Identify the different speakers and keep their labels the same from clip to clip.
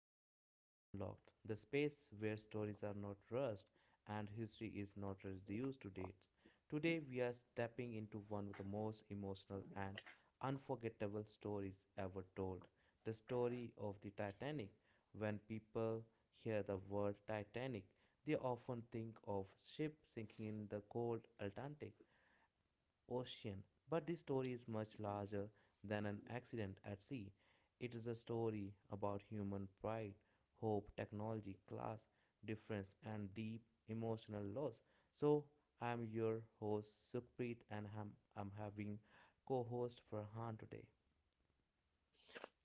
Speaker 1: to Mindspace Unlocked, the space where stories are not rushed and history is not reduced to dates. Today, we are stepping into one of the most emotional and unforgettable stories ever told the story of the Titanic. When people hear the word Titanic, they often think of ship sinking in the cold Atlantic, ocean. But this story is much larger than an accident at sea. It is a story about human pride, hope, technology, class, difference, and deep emotional loss. So, I'm your host Sukhpreet, and I'm having co host Farhan today.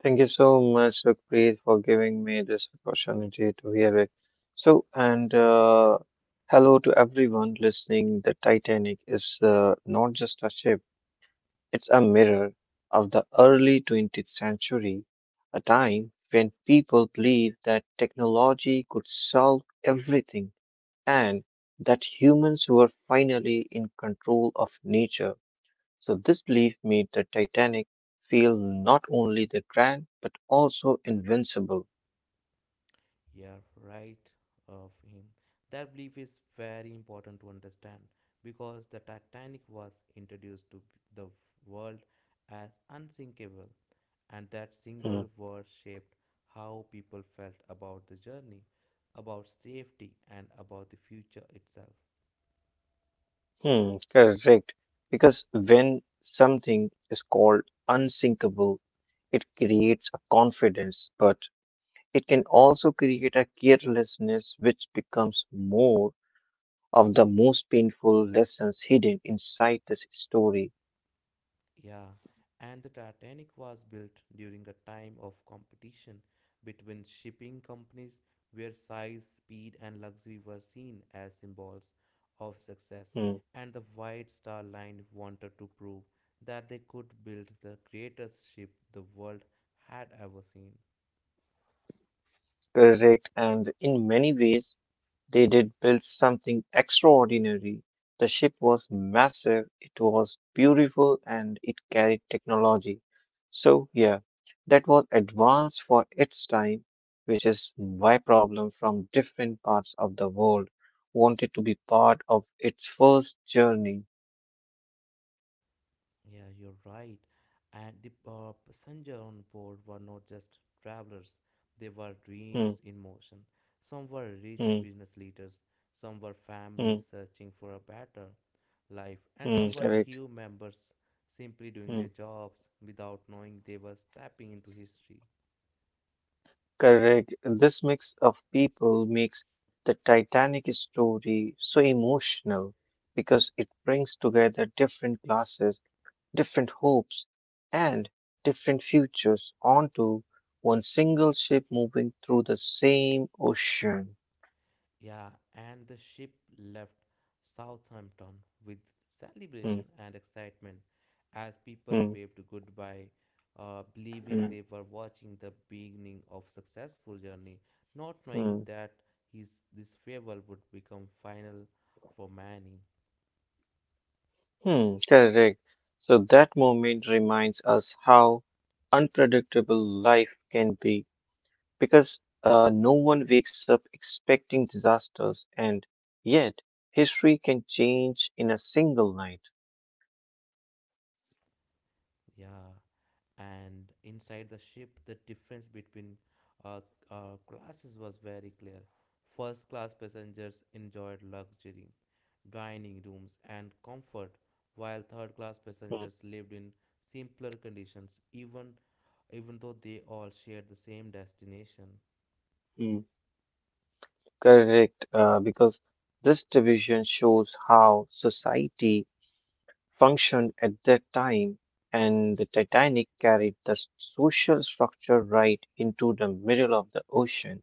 Speaker 2: Thank you so much, Sukhpreet, for giving me this opportunity to hear it. So, and Hello to everyone listening. The Titanic is not just a ship, it's a mirror of the early 20th century, a time when people believed that technology could solve everything and that humans were finally in control of nature. So this belief made the Titanic feel not only the grand but also invincible.
Speaker 1: Yeah, right of him. That belief is very important to understand because the Titanic was introduced to the world as unsinkable, and that single
Speaker 2: hmm
Speaker 1: word shaped how people felt about the journey, about safety, and about the future itself.
Speaker 2: Correct. Because when something is called unsinkable, it creates a confidence, but it can also create a carelessness which becomes more of the most painful lessons hidden inside this story.
Speaker 1: Yeah, and the Titanic was built during a time of competition between shipping companies where size, speed, and luxury were seen as symbols of success.
Speaker 2: Hmm,
Speaker 1: And the White Star Line wanted to prove that they could build the greatest ship the world had ever seen.
Speaker 2: Correct. And in many ways, they did build something extraordinary. The ship was massive, it was beautiful, and it carried technology. So, yeah, that was advanced for its time, which is why problems from different parts of the world wanted to be part of its first journey.
Speaker 1: Yeah, you're right. And the passenger on board were not just travelers, they were
Speaker 2: Hmm,
Speaker 1: dreams in motion. Some were rich
Speaker 2: hmm,
Speaker 1: business leaders, some were
Speaker 2: hmm,
Speaker 1: families searching for a better life, and some were
Speaker 2: Correct.
Speaker 1: crew members simply doing
Speaker 2: Hmm.
Speaker 1: their jobs without knowing they were stepping into history.
Speaker 2: Correct. This mix of people makes the Titanic story so emotional because it brings together different classes, different hopes, and different futures onto one single ship moving through the same ocean.
Speaker 1: Yeah, and the ship left Southampton with celebration
Speaker 2: Hmm,
Speaker 1: and excitement as people
Speaker 2: hmm,
Speaker 1: waved goodbye, believing
Speaker 2: hmm,
Speaker 1: they were watching the beginning of successful journey, not
Speaker 2: hmm,
Speaker 1: knowing that his this farewell would become final for many.
Speaker 2: hmm. Correct. So that moment reminds us how unpredictable life can be because no one wakes up expecting disasters, and yet history can change in a single night.
Speaker 1: Yeah, and inside the ship, the difference between uh, classes was very clear. First class passengers enjoyed luxury, dining rooms, and comfort, while third class
Speaker 2: Mm,
Speaker 1: passengers lived in simpler conditions, even though they all shared the same destination.
Speaker 2: mm. Correct, because this division shows how society functioned at that time, and the Titanic carried the social structure right into the middle of the ocean.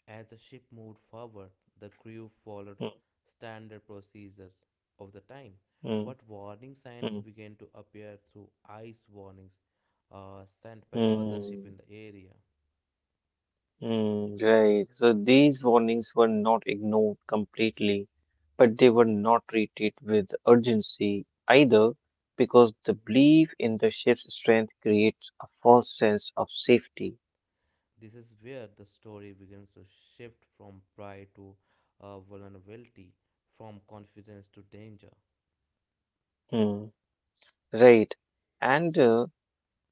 Speaker 1: As the ship moved forward, the crew followed
Speaker 2: Mm,
Speaker 1: standard procedures of the time.
Speaker 2: mm,
Speaker 1: What warning signs
Speaker 2: mm,
Speaker 1: began to appear through ice warnings sent by other ships in
Speaker 2: mm.
Speaker 1: the area.
Speaker 2: Right. So these warnings were not ignored completely, but they were not treated with urgency either because the belief in the ship's strength creates a false sense of safety.
Speaker 1: This is where the story begins to shift from pride to vulnerability, from confidence to danger.
Speaker 2: Mm, right. And uh,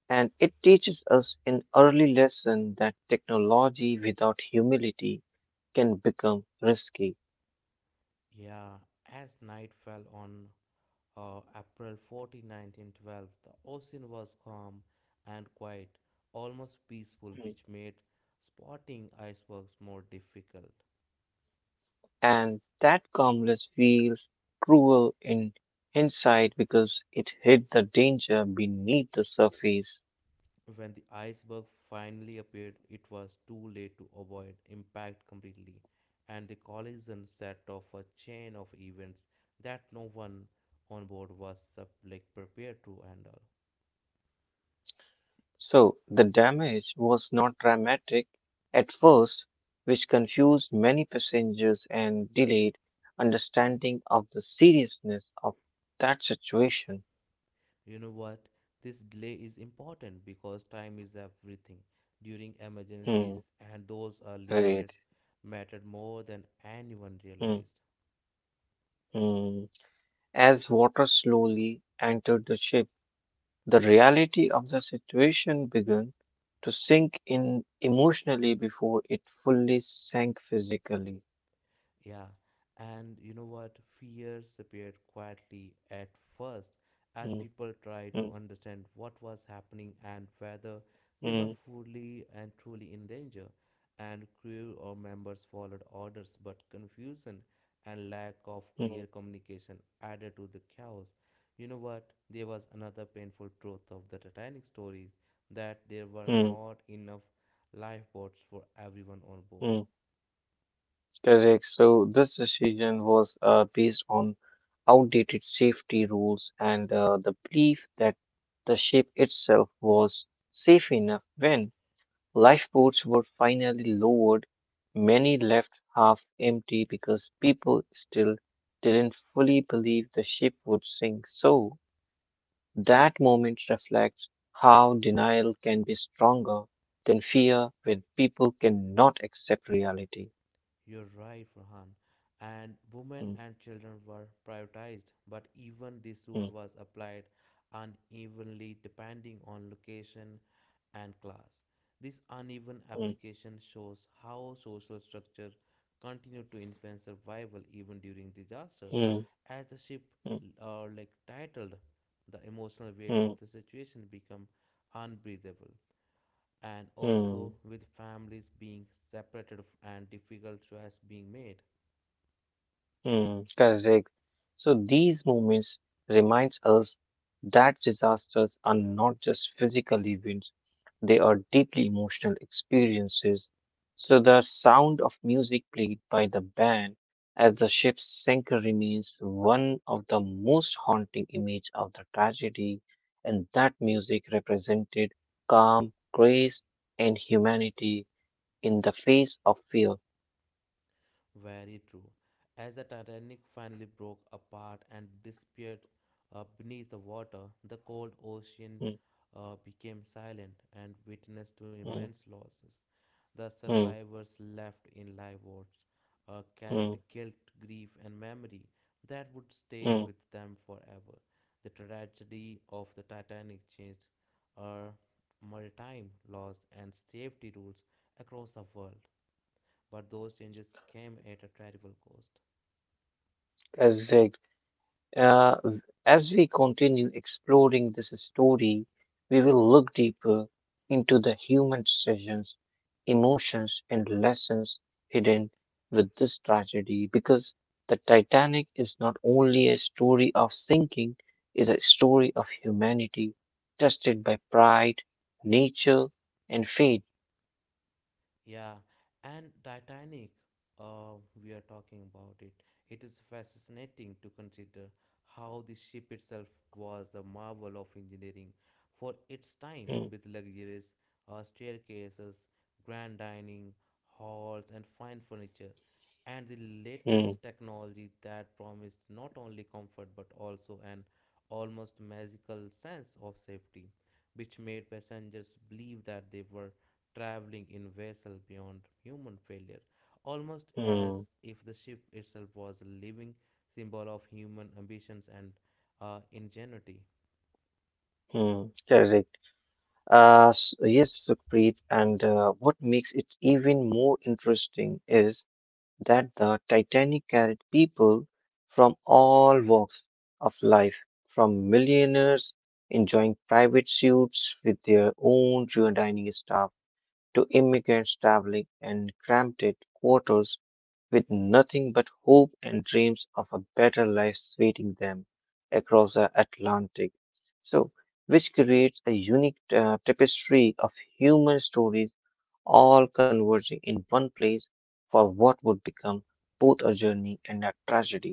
Speaker 2: and it teaches us an early lesson that technology without humility can become risky.
Speaker 1: Yeah, as night fell on April 14, 1912, the ocean was calm and quiet, almost peaceful,
Speaker 2: Hmm.
Speaker 1: which made spotting icebergs more difficult.
Speaker 2: And that calmness feels cruel in hindsight because it hid the danger beneath the surface.
Speaker 1: When the iceberg finally appeared, it was too late to avoid impact completely, and the collision set off a chain of events that no one on board was prepared to handle.
Speaker 2: So the damage was not dramatic at first, which confused many passengers and delayed understanding of the seriousness of that situation.
Speaker 1: You know what? This delay is important because time is everything. During
Speaker 2: Hmm,
Speaker 1: emergencies, and those early
Speaker 2: right.
Speaker 1: minutes mattered more than anyone
Speaker 2: Hmm,
Speaker 1: realized.
Speaker 2: hmm. As water slowly entered the ship, the reality of the situation began to sink in emotionally before it fully sank physically.
Speaker 1: Yeah, and you know what? Fears appeared quietly at first as
Speaker 2: Mm,
Speaker 1: people tried to
Speaker 2: mm,
Speaker 1: understand what was happening and whether they were
Speaker 2: mm,
Speaker 1: fully and truly in danger. And crew or members followed orders, but confusion and lack of clear
Speaker 2: mm,
Speaker 1: communication added to the chaos. You know what? There was another painful truth of the Titanic stories that there were
Speaker 2: mm,
Speaker 1: not enough lifeboats for everyone on board.
Speaker 2: mm. Correct. So this decision was based on outdated safety rules and the belief that the ship itself was safe enough when lifeboats were finally lowered, many left half empty because people still didn't fully believe the ship would sink. So, that moment reflects how denial can be stronger than fear when people cannot accept reality.
Speaker 1: You're right, Farhan. And women
Speaker 2: Mm,
Speaker 1: and children were prioritized, but even this
Speaker 2: mm,
Speaker 1: rule was applied unevenly depending on location and class. This uneven
Speaker 2: mm,
Speaker 1: application shows how social structure continued to influence survival even during disaster.
Speaker 2: mm,
Speaker 1: As the ship
Speaker 2: mm,
Speaker 1: titled, the emotional weight of
Speaker 2: mm,
Speaker 1: the situation become unbreathable and also
Speaker 2: mm.
Speaker 1: with families being separated and difficult choice being made.
Speaker 2: Hmm. Correct. So these moments reminds us that disasters are not just physical events, they are deeply emotional experiences. So the sound of music played by the band as the ship sank remains one of the most haunting images of the tragedy, and that music represented calm, grace, and humanity in the face of fear.
Speaker 1: Very true. As the Titanic finally broke apart and disappeared beneath the water, the cold ocean
Speaker 2: Hmm.
Speaker 1: became silent and witnessed to
Speaker 2: Hmm.
Speaker 1: immense losses. The
Speaker 2: Hmm.
Speaker 1: survivors left in lifeboats carried
Speaker 2: Hmm.
Speaker 1: guilt, grief, and memory that would stay with
Speaker 2: mm.
Speaker 1: them forever. The tragedy of the Titanic changed our maritime laws and safety rules across the world, but those changes came at a terrible cost.
Speaker 2: Correct. Uh, as we continue exploring this story, we will look deeper into the human decisions, emotions, and lessons hidden with this tragedy because the Titanic is not only a story of sinking, is a story of humanity tested by pride, nature, and fate.
Speaker 1: Yeah, and Titanic, we are talking about it. It is fascinating to consider how the ship itself was a marvel of engineering for its time,
Speaker 2: Hmm,
Speaker 1: with luxurious staircases, grand dining halls, and fine furniture, and the
Speaker 2: hmm,
Speaker 1: latest technology that promised not only comfort but also an almost magical sense of safety, which made passengers believe that they were traveling in vessel beyond human failure, almost
Speaker 2: hmm,
Speaker 1: as if the ship itself was a living symbol of human ambitions and ingenuity.
Speaker 2: hmm. Correct. Yes, Sukhpreet, and what makes it even more interesting is that the Titanic carried people from all walks of life, from millionaires enjoying private suites with their own dining staff to immigrants traveling in cramped quarters with nothing but hope and dreams of a better life awaiting them across the Atlantic. So, which creates a unique tapestry of human stories all converging in one place for what would become both a journey and a tragedy.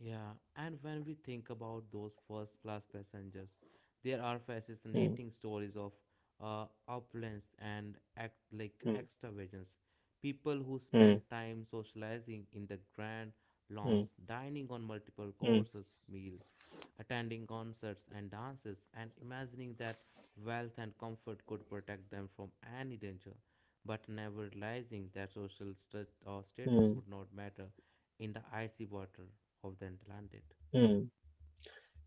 Speaker 1: Yeah, and when we think about those first class passengers, there are
Speaker 2: Hmm,
Speaker 1: fascinating stories of opulence and act like
Speaker 2: hmm,
Speaker 1: extravagance. People who
Speaker 2: hmm,
Speaker 1: spend time socializing in the grand
Speaker 2: hmm,
Speaker 1: lounge, dining on multiple
Speaker 2: hmm,
Speaker 1: courses meal, attending concerts and dances, and imagining that wealth and comfort could protect them from any danger, but never realizing that social stu- or status
Speaker 2: hmm,
Speaker 1: would not matter in the icy water of the Atlantic.
Speaker 2: hmm.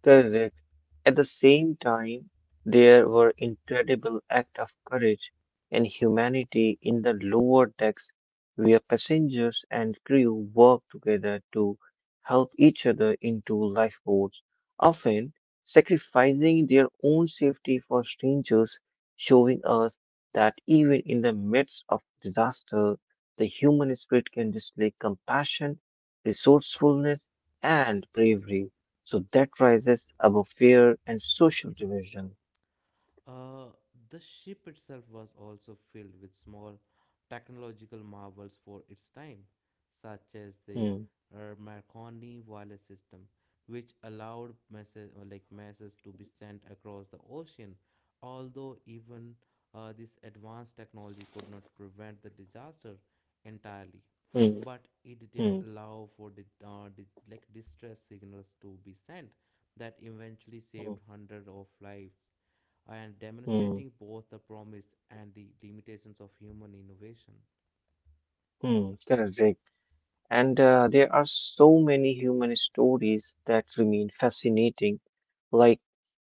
Speaker 2: Correct. At the same time, there were incredible acts of courage and humanity in the lower decks where passengers and crew worked together to help each other into lifeboats, often sacrificing their own safety for strangers, showing us that even in the midst of disaster, the human spirit can display compassion, resourcefulness, and bravery. So that rises above fear and social division.
Speaker 1: Uh, the ship itself was also filled with small technological marvels for its time, such as the
Speaker 2: Hmm,
Speaker 1: Marconi wireless system, which allowed message or like messages to be sent across the ocean. Although even this advanced technology could not prevent the disaster entirely,
Speaker 2: hmm,
Speaker 1: but it did
Speaker 2: hmm,
Speaker 1: allow for the distress signals to be sent that eventually
Speaker 2: hmm,
Speaker 1: saved hundreds of lives and
Speaker 2: hmm,
Speaker 1: demonstrating both the promise and the limitations of human innovation.
Speaker 2: hmm. Correct. Rick. And there are so many human stories that remain fascinating, like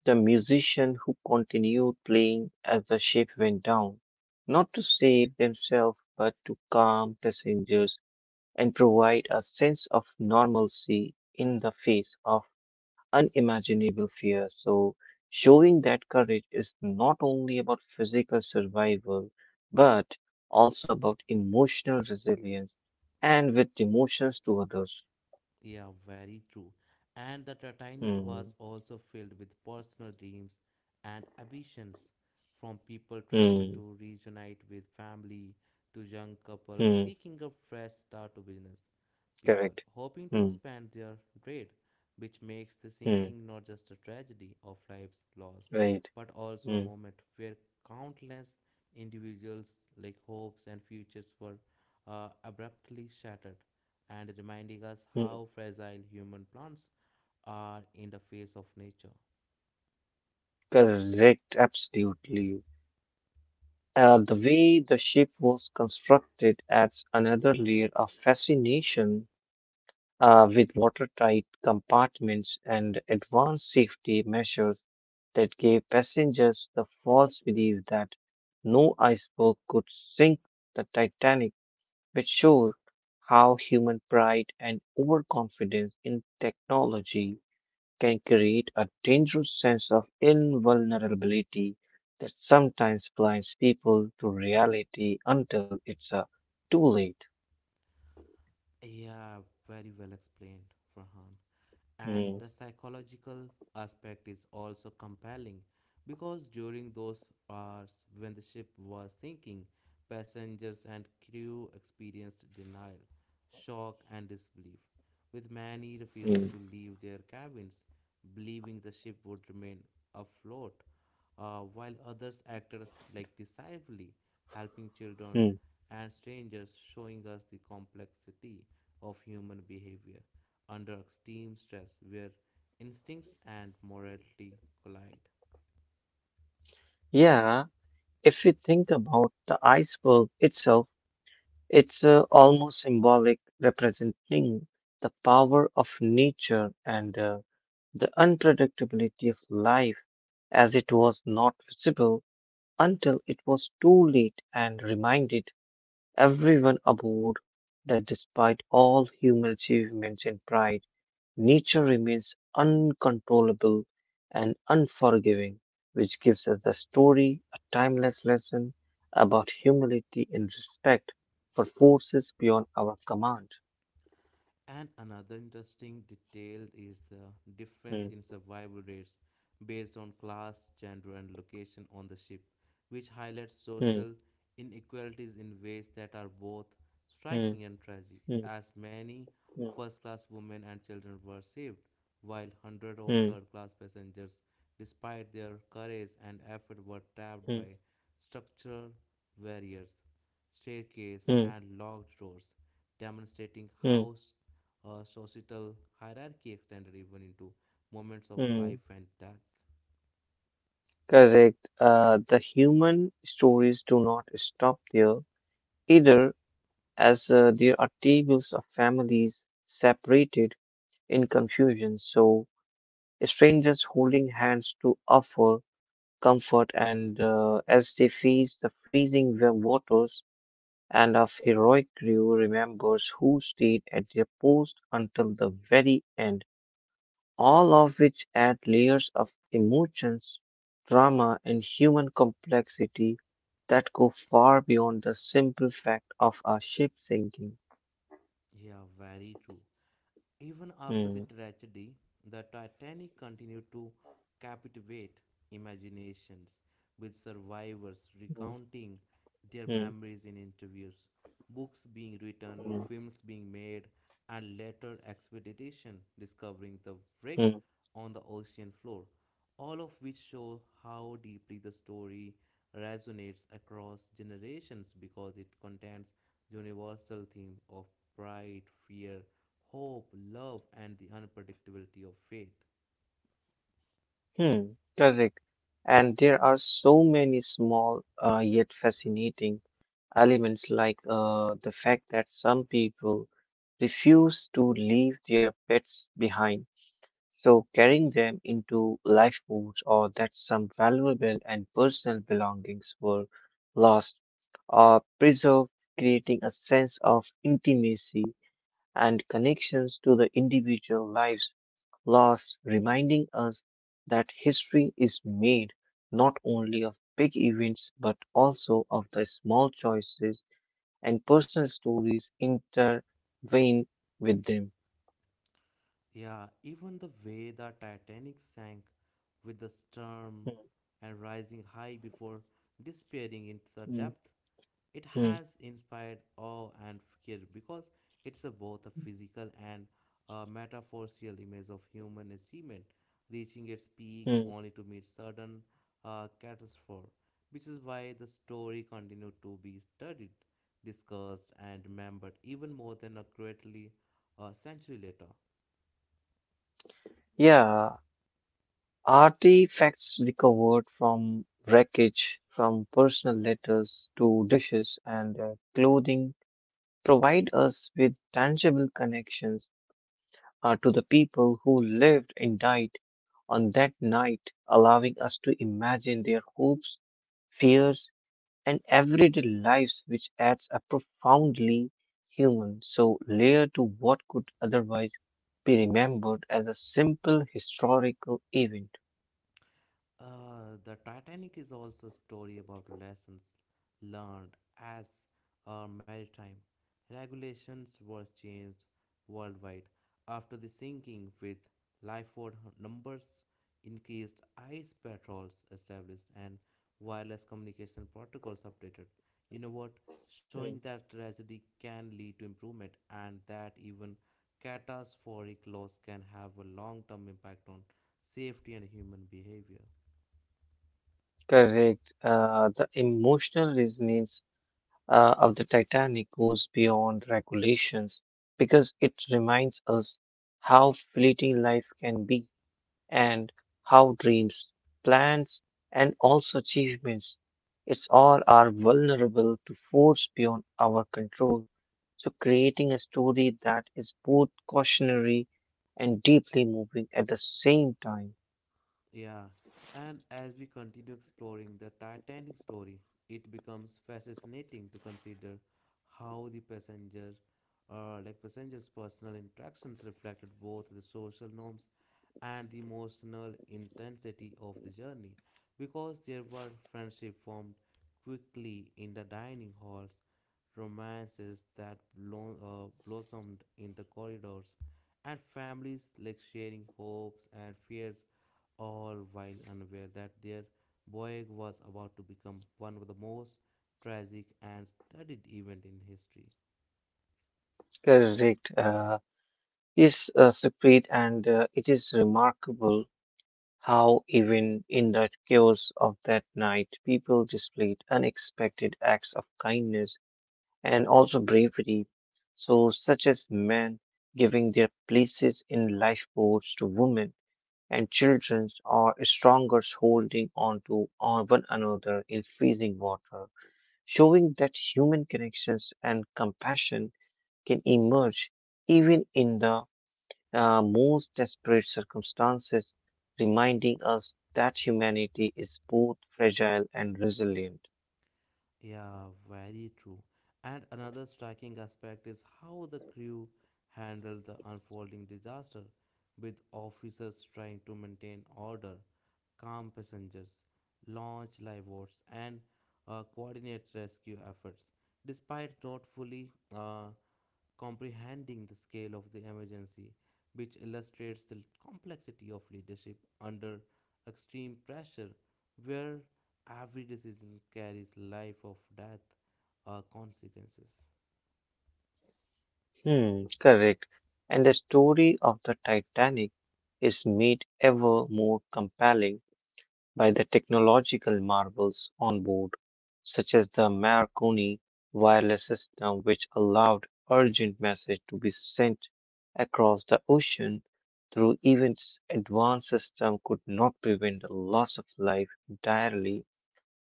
Speaker 2: the musician who continued playing as the ship went down, not to save themselves, but to calm passengers and provide a sense of normalcy in the face of unimaginable fear. So, showing that courage is not only about physical survival, but also about emotional resilience and with emotions to others.
Speaker 1: Yeah, very true. And the Titanic
Speaker 2: Hmm.
Speaker 1: was also filled with personal dreams and ambitions from people traveling
Speaker 2: Hmm.
Speaker 1: to reunite with family to young couples
Speaker 2: Hmm.
Speaker 1: seeking a fresh start to business, people
Speaker 2: Correct.
Speaker 1: hoping to
Speaker 2: Hmm.
Speaker 1: expand their trade, which makes the
Speaker 2: Hmm.
Speaker 1: sinking not just a tragedy of lives lost,
Speaker 2: Right.
Speaker 1: but also a
Speaker 2: Hmm.
Speaker 1: moment where countless individuals' like hopes and futures were abruptly shattered, and reminding us
Speaker 2: Hmm.
Speaker 1: how fragile human plants are in the face of nature.
Speaker 2: Correct. Absolutely. The way the ship was constructed adds another layer of fascination with watertight compartments and advanced safety measures that gave passengers the false belief that no iceberg could sink the Titanic, which shows how human pride and overconfidence in technology can create a dangerous sense of invulnerability that sometimes blinds people to reality until it's too late.
Speaker 1: Yeah, very well explained, Farhan.
Speaker 2: Mm,
Speaker 1: And the psychological aspect is also compelling because during those hours when the ship was sinking, passengers and crew experienced denial, shock, and disbelief, with many refusing
Speaker 2: mm,
Speaker 1: to leave their cabins, believing the ship would remain afloat, while others acted decisively, helping children
Speaker 2: mm.
Speaker 1: and strangers, showing us the complexity of human behavior under extreme stress where instincts and morality collide.
Speaker 2: Yeah, if you think about the iceberg itself, it's almost symbolic, representing the power of nature and the unpredictability of life, as it was not visible until it was too late and reminded everyone aboard that despite all human achievements and pride, nature remains uncontrollable and unforgiving, which gives us the story a timeless lesson about humility and respect for forces beyond our command.
Speaker 1: And another interesting detail is the difference
Speaker 2: Hmm,
Speaker 1: in survival rates based on class, gender, and location on the ship, which highlights
Speaker 2: hmm,
Speaker 1: social inequalities in ways that are both
Speaker 2: hmm,
Speaker 1: striking and tragic,
Speaker 2: hmm,
Speaker 1: as many first class women and children were saved, while hundreds of
Speaker 2: hmm,
Speaker 1: third class passengers, despite their courage and effort, were trapped
Speaker 2: hmm,
Speaker 1: by structural barriers
Speaker 2: hmm,
Speaker 1: staircase
Speaker 2: hmm,
Speaker 1: and locked doors, demonstrating
Speaker 2: hmm,
Speaker 1: how societal hierarchy extended even into moments of
Speaker 2: hmm.
Speaker 1: life and death.
Speaker 2: Correct. The human stories do not stop there either, as there are tables of families separated in confusion. So strangers holding hands to offer comfort and as they face the freezing waters and of heroic crew remembers who stayed at their post until the very end, all of which add layers of emotions, drama and human complexity that go far beyond the simple fact of a ship sinking.
Speaker 1: Yeah, very true. Even after
Speaker 2: Hmm,
Speaker 1: the tragedy, the Titanic continued to captivate imaginations, with survivors
Speaker 2: hmm,
Speaker 1: recounting their
Speaker 2: hmm,
Speaker 1: memories in interviews, books being written,
Speaker 2: hmm,
Speaker 1: films being made, and later expedition discovering the wreck
Speaker 2: hmm.
Speaker 1: on the ocean floor, all of which show how deeply the story resonates across generations because it contains universal themes of pride, fear, hope, love, and the unpredictability of fate.
Speaker 2: Correct. And there are so many small yet fascinating elements, like the fact that some people refuse to leave their pets behind, so carrying them into lifeboats, or that some valuable and personal belongings were lost or preserved, creating a sense of intimacy and connections to the individual lives laws reminding us that history is made not only of big events but also of the small choices and personal stories intertwined with them.
Speaker 1: Yeah, even the way the Titanic sank with the storm
Speaker 2: Mm,
Speaker 1: and rising high before disappearing into the
Speaker 2: mm,
Speaker 1: depth, it
Speaker 2: mm,
Speaker 1: has inspired awe and fear because it's a both a physical and a metaphorical image of human achievement reaching its peak
Speaker 2: mm.
Speaker 1: only to meet sudden catastrophe, which is why the story continues to be studied, discussed, and remembered even more than a greatly a century later.
Speaker 2: Yeah, artifacts recovered from wreckage, from personal letters to dishes and clothing provide us with tangible connections to the people who lived and died on that night, allowing us to imagine their hopes, fears, and everyday lives, which adds a profoundly human so layer to what could otherwise be remembered as a simple historical event.
Speaker 1: The Titanic is also a story about lessons learned as our maritime regulations were changed worldwide after the sinking, with lifeboat numbers increased, ice patrols established, and wireless communication protocols updated. You know what? Showing
Speaker 2: Mm.
Speaker 1: that tragedy can lead to improvement and that even catastrophic loss can have a long term impact on safety and human behavior.
Speaker 2: Correct. The emotional resonance of the Titanic goes beyond regulations because it reminds us how fleeting life can be and how dreams, plans, and also achievements, it's all are vulnerable to force beyond our control. So creating a story that is both cautionary and deeply moving at the same time.
Speaker 1: Yeah, and as we continue exploring the Titanic story, it becomes fascinating to consider how the passenger or like passengers' personal interactions reflected both the social norms and the emotional intensity of the journey because there were friendships formed quickly in the dining halls romances that blossomed in the corridors, and families like sharing hopes and fears, all while unaware that their boy was about to become one of the most tragic and studied event in history.
Speaker 2: Correct. Is separate and it is remarkable how even in the chaos of that night, people displayed unexpected acts of kindness and also bravery. So, such as men giving their places in lifeboats to women and children, or strongers holding on to on one another in freezing water, showing that human connections and compassion can emerge even in the most desperate circumstances, reminding us that humanity is both fragile and resilient.
Speaker 1: Yeah, very true. And another striking aspect is how the crew handled the unfolding disaster, with officers trying to maintain order, calm passengers, launch lifeboats, and coordinate rescue efforts. Despite not fully uh, comprehending the scale of the emergency, which illustrates the complexity of leadership under extreme pressure, where every decision carries life or death consequences.
Speaker 2: Correct. And the story of the Titanic is made ever more compelling by the technological marvels on board, such as the Marconi wireless system, which allowed urgent message to be sent across the ocean through even its advanced system could not prevent the loss of life entirely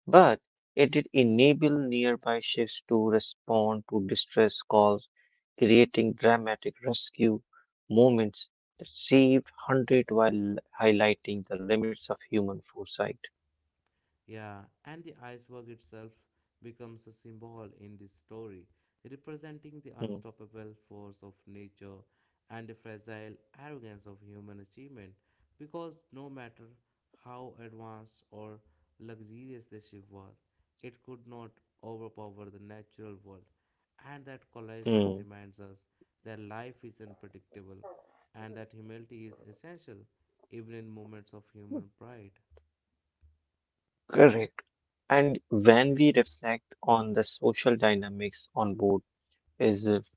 Speaker 2: but it did enable nearby ships to respond to distress calls, creating dramatic rescue moments that saved hundreds while highlighting the limits of human foresight.
Speaker 1: Yeah, and the iceberg itself becomes a symbol in this story, representing the
Speaker 2: Hmm,
Speaker 1: unstoppable force of nature and the fragile arrogance of human achievement. Because no matter how advanced or luxurious the ship was, it could not overpower the natural world. And that collision
Speaker 2: hmm,
Speaker 1: reminds us that life is unpredictable and that humility is essential even in moments of human pride.
Speaker 2: Correct. And when we reflect on the social dynamics on board, is it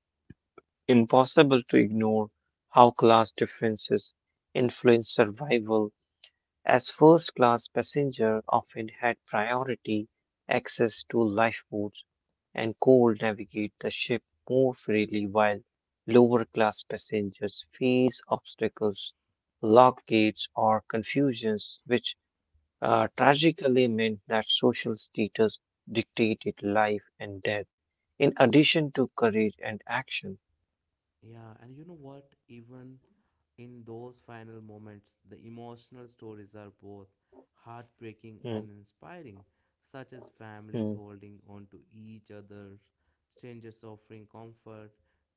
Speaker 2: impossible to ignore how class differences influence survival as first class passenger often had priority access to lifeboats and could navigate the ship more freely while lower class passengers face obstacles, locked gates or confusions which tragically meant that social status dictated life and death in addition to courage and action.
Speaker 1: Yeah, and you know what? Even in those final moments, the emotional stories are both heartbreaking and
Speaker 2: Hmm,
Speaker 1: inspiring, such as families
Speaker 2: hmm,
Speaker 1: holding on to each other, strangers offering comfort,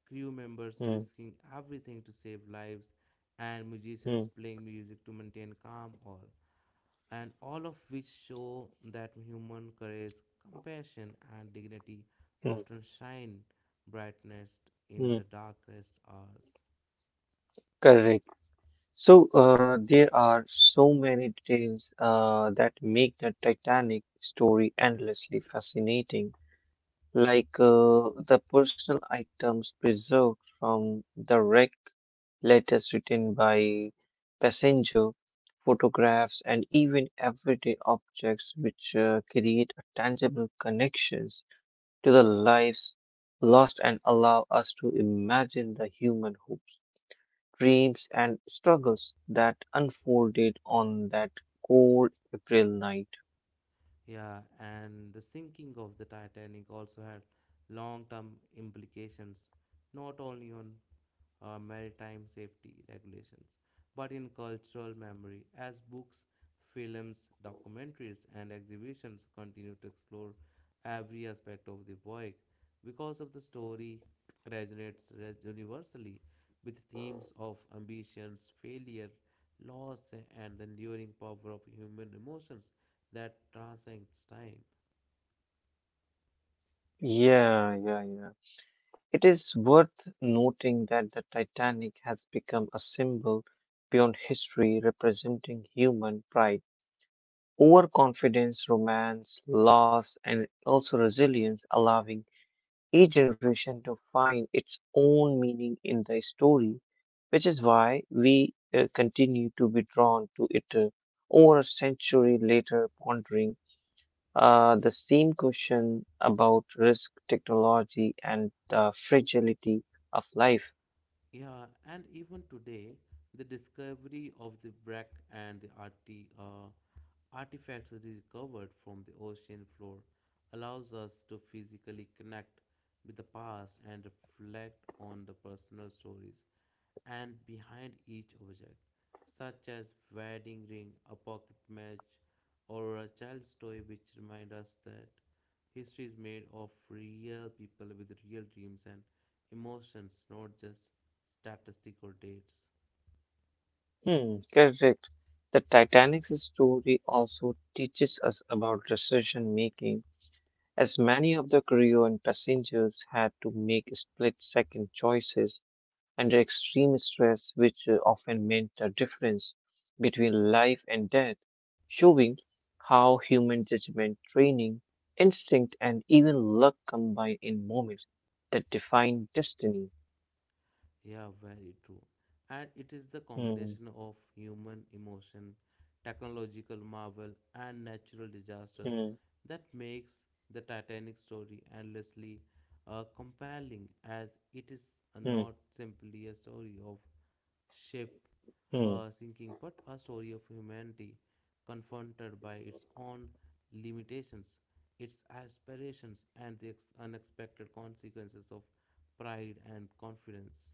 Speaker 1: crew members
Speaker 2: hmm,
Speaker 1: risking everything to save lives, and musicians
Speaker 2: hmm,
Speaker 1: playing music to maintain calm, all and all of which show that human courage, compassion, and dignity
Speaker 2: hmm,
Speaker 1: often shine brightest in
Speaker 2: hmm.
Speaker 1: the darkest hours.
Speaker 2: Correct. So there are so many details that make the Titanic story endlessly fascinating, like the personal items preserved from the wreck, letters written by passenger, photographs, and even everyday objects which create a tangible connections to the lives lost and allow us to imagine the human who dreams and struggles that unfolded on that cold April night.
Speaker 1: Yeah, and the sinking of the Titanic also had long term implications, not only on maritime safety regulations, but in cultural memory, as books, films, documentaries, and exhibitions continue to explore every aspect of the voyage. Because of the story universally with themes of ambitions, failure, loss, and the enduring power of human emotions that transcends time.
Speaker 2: Yeah, yeah, it is worth noting that the Titanic has become a symbol beyond history representing human pride, overconfidence, romance, loss, and also resilience, allowing each generation to find its own meaning in the story, which is why we continue to be drawn to it over a century later, pondering the same question about risk, technology, and the fragility of life.
Speaker 1: Yeah, and even today, the discovery of the wreck and the artifacts recovered from the ocean floor allows us to physically connect with the past and reflect on the personal stories and behind each object, such as wedding ring, a pocket match, or a child's toy which remind us that history is made of real people with real dreams and emotions, not just statistic or dates.
Speaker 2: Correct. The Titanic's story also teaches us about decision making, as many of the crew and passengers had to make split second choices under extreme stress, which often meant the difference between life and death, showing how human judgment, training, instinct, and even luck combine in moments that define destiny.
Speaker 1: Yeah, very true. And it is the
Speaker 2: Hmm,
Speaker 1: combination of human emotion, technological marvel, and natural disasters
Speaker 2: hmm,
Speaker 1: that makes the Titanic story endlessly compelling, as it is
Speaker 2: hmm,
Speaker 1: not simply a story of ship
Speaker 2: hmm.
Speaker 1: uh, sinking, but a story of humanity confronted by its own limitations, its aspirations, and the unexpected consequences of pride and confidence.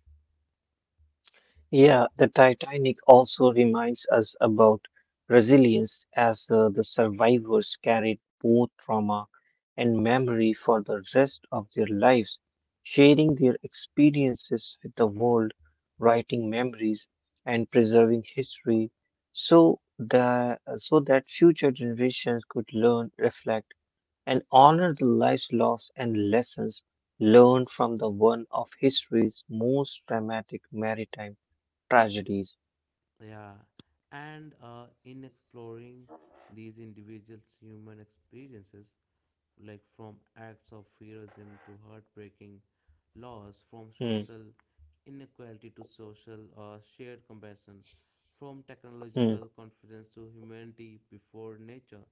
Speaker 2: Yeah, the Titanic also reminds us about resilience as the survivors carried both trauma and memory for the rest of their lives sharing their experiences with the world, writing memories, and preserving history so that future generations could learn, reflect, and honor the lives lost and lessons learned from the one of history's most dramatic maritime tragedies.
Speaker 1: Yeah, and in exploring these individuals' human experiences, like from acts of heroism to heartbreaking loss, from
Speaker 2: Hmm,
Speaker 1: social inequality to social shared compassion, from
Speaker 2: hmm,
Speaker 1: technological confidence to humanity before nature.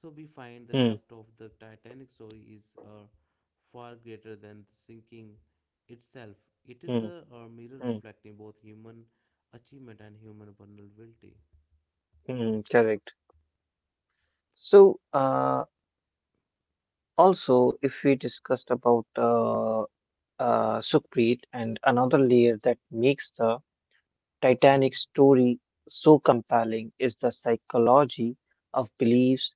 Speaker 1: So we find the
Speaker 2: hmm,
Speaker 1: depth of the Titanic story is far greater than the sinking itself. It is
Speaker 2: hmm,
Speaker 1: a mirror
Speaker 2: hmm,
Speaker 1: reflecting both human achievement and human vulnerability.
Speaker 2: Correct. So, also, if we discussed about Sukhpreet, and another layer that makes the Titanic
Speaker 1: Mhm.
Speaker 2: story so compelling is the psychology of beliefs,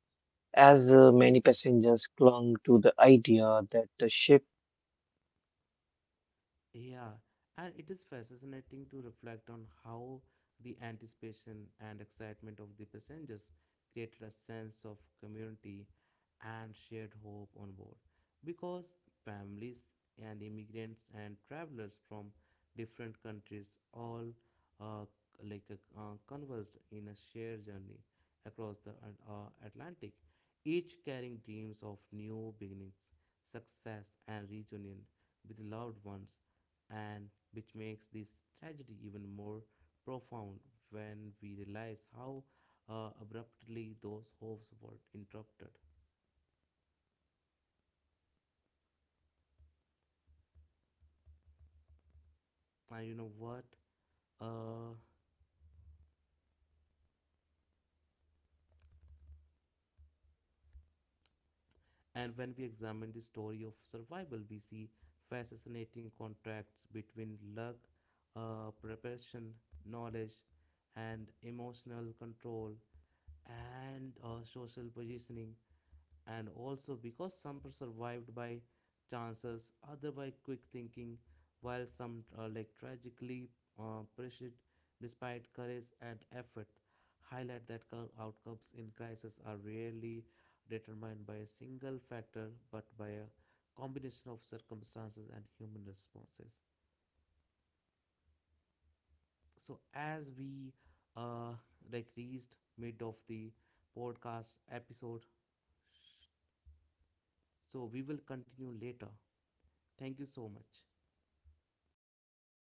Speaker 2: as many passengers clung to the idea that the ship was unsinkable, which
Speaker 1: Yeah, and
Speaker 2: initially
Speaker 1: it is
Speaker 2: caused
Speaker 1: fascinating to
Speaker 2: hesitation
Speaker 1: reflect on
Speaker 2: in
Speaker 1: how
Speaker 2: boarding
Speaker 1: the
Speaker 2: lifeboats,
Speaker 1: anticipation
Speaker 2: delayed
Speaker 1: and excitement of the
Speaker 2: evacuation, and
Speaker 1: passengers
Speaker 2: contribute
Speaker 1: created a
Speaker 2: to
Speaker 1: sense of
Speaker 2: chaos. So,
Speaker 1: community
Speaker 2: showing how
Speaker 1: and shared
Speaker 2: confidence
Speaker 1: hope on board.
Speaker 2: and
Speaker 1: Because families and immigrants and travelers from different
Speaker 2: so
Speaker 1: countries all uh, converged in a
Speaker 2: rarely
Speaker 1: shared journey
Speaker 2: determined by a
Speaker 1: across
Speaker 2: single
Speaker 1: the
Speaker 2: factors but by a
Speaker 1: Atlantic,
Speaker 2: combining
Speaker 1: each carrying
Speaker 2: of
Speaker 1: dreams of new
Speaker 2: circumstances
Speaker 1: beginnings,
Speaker 2: but by a
Speaker 1: success, and
Speaker 2: contribution
Speaker 1: reunion
Speaker 2: of
Speaker 1: with loved
Speaker 2: circumstances
Speaker 1: ones,
Speaker 2: and human
Speaker 1: and which
Speaker 2: response
Speaker 1: makes this tragedy even more profound when we realize how abruptly those hopes were interrupted. And you know what? Uh, and when we examine the story of survival, we see fascinating contrasts between luck, preparation, knowledge, and emotional control and social positioning, and also because some are survived by chances, other by quick thinking, while some are like tragically perished despite courage and effort. Highlight that outcomes in crisis are rarely determined by a single factor but by a combination of circumstances and human responses. So, as we uh, reached mid of the podcast episode, so we will continue later. Thank you so much.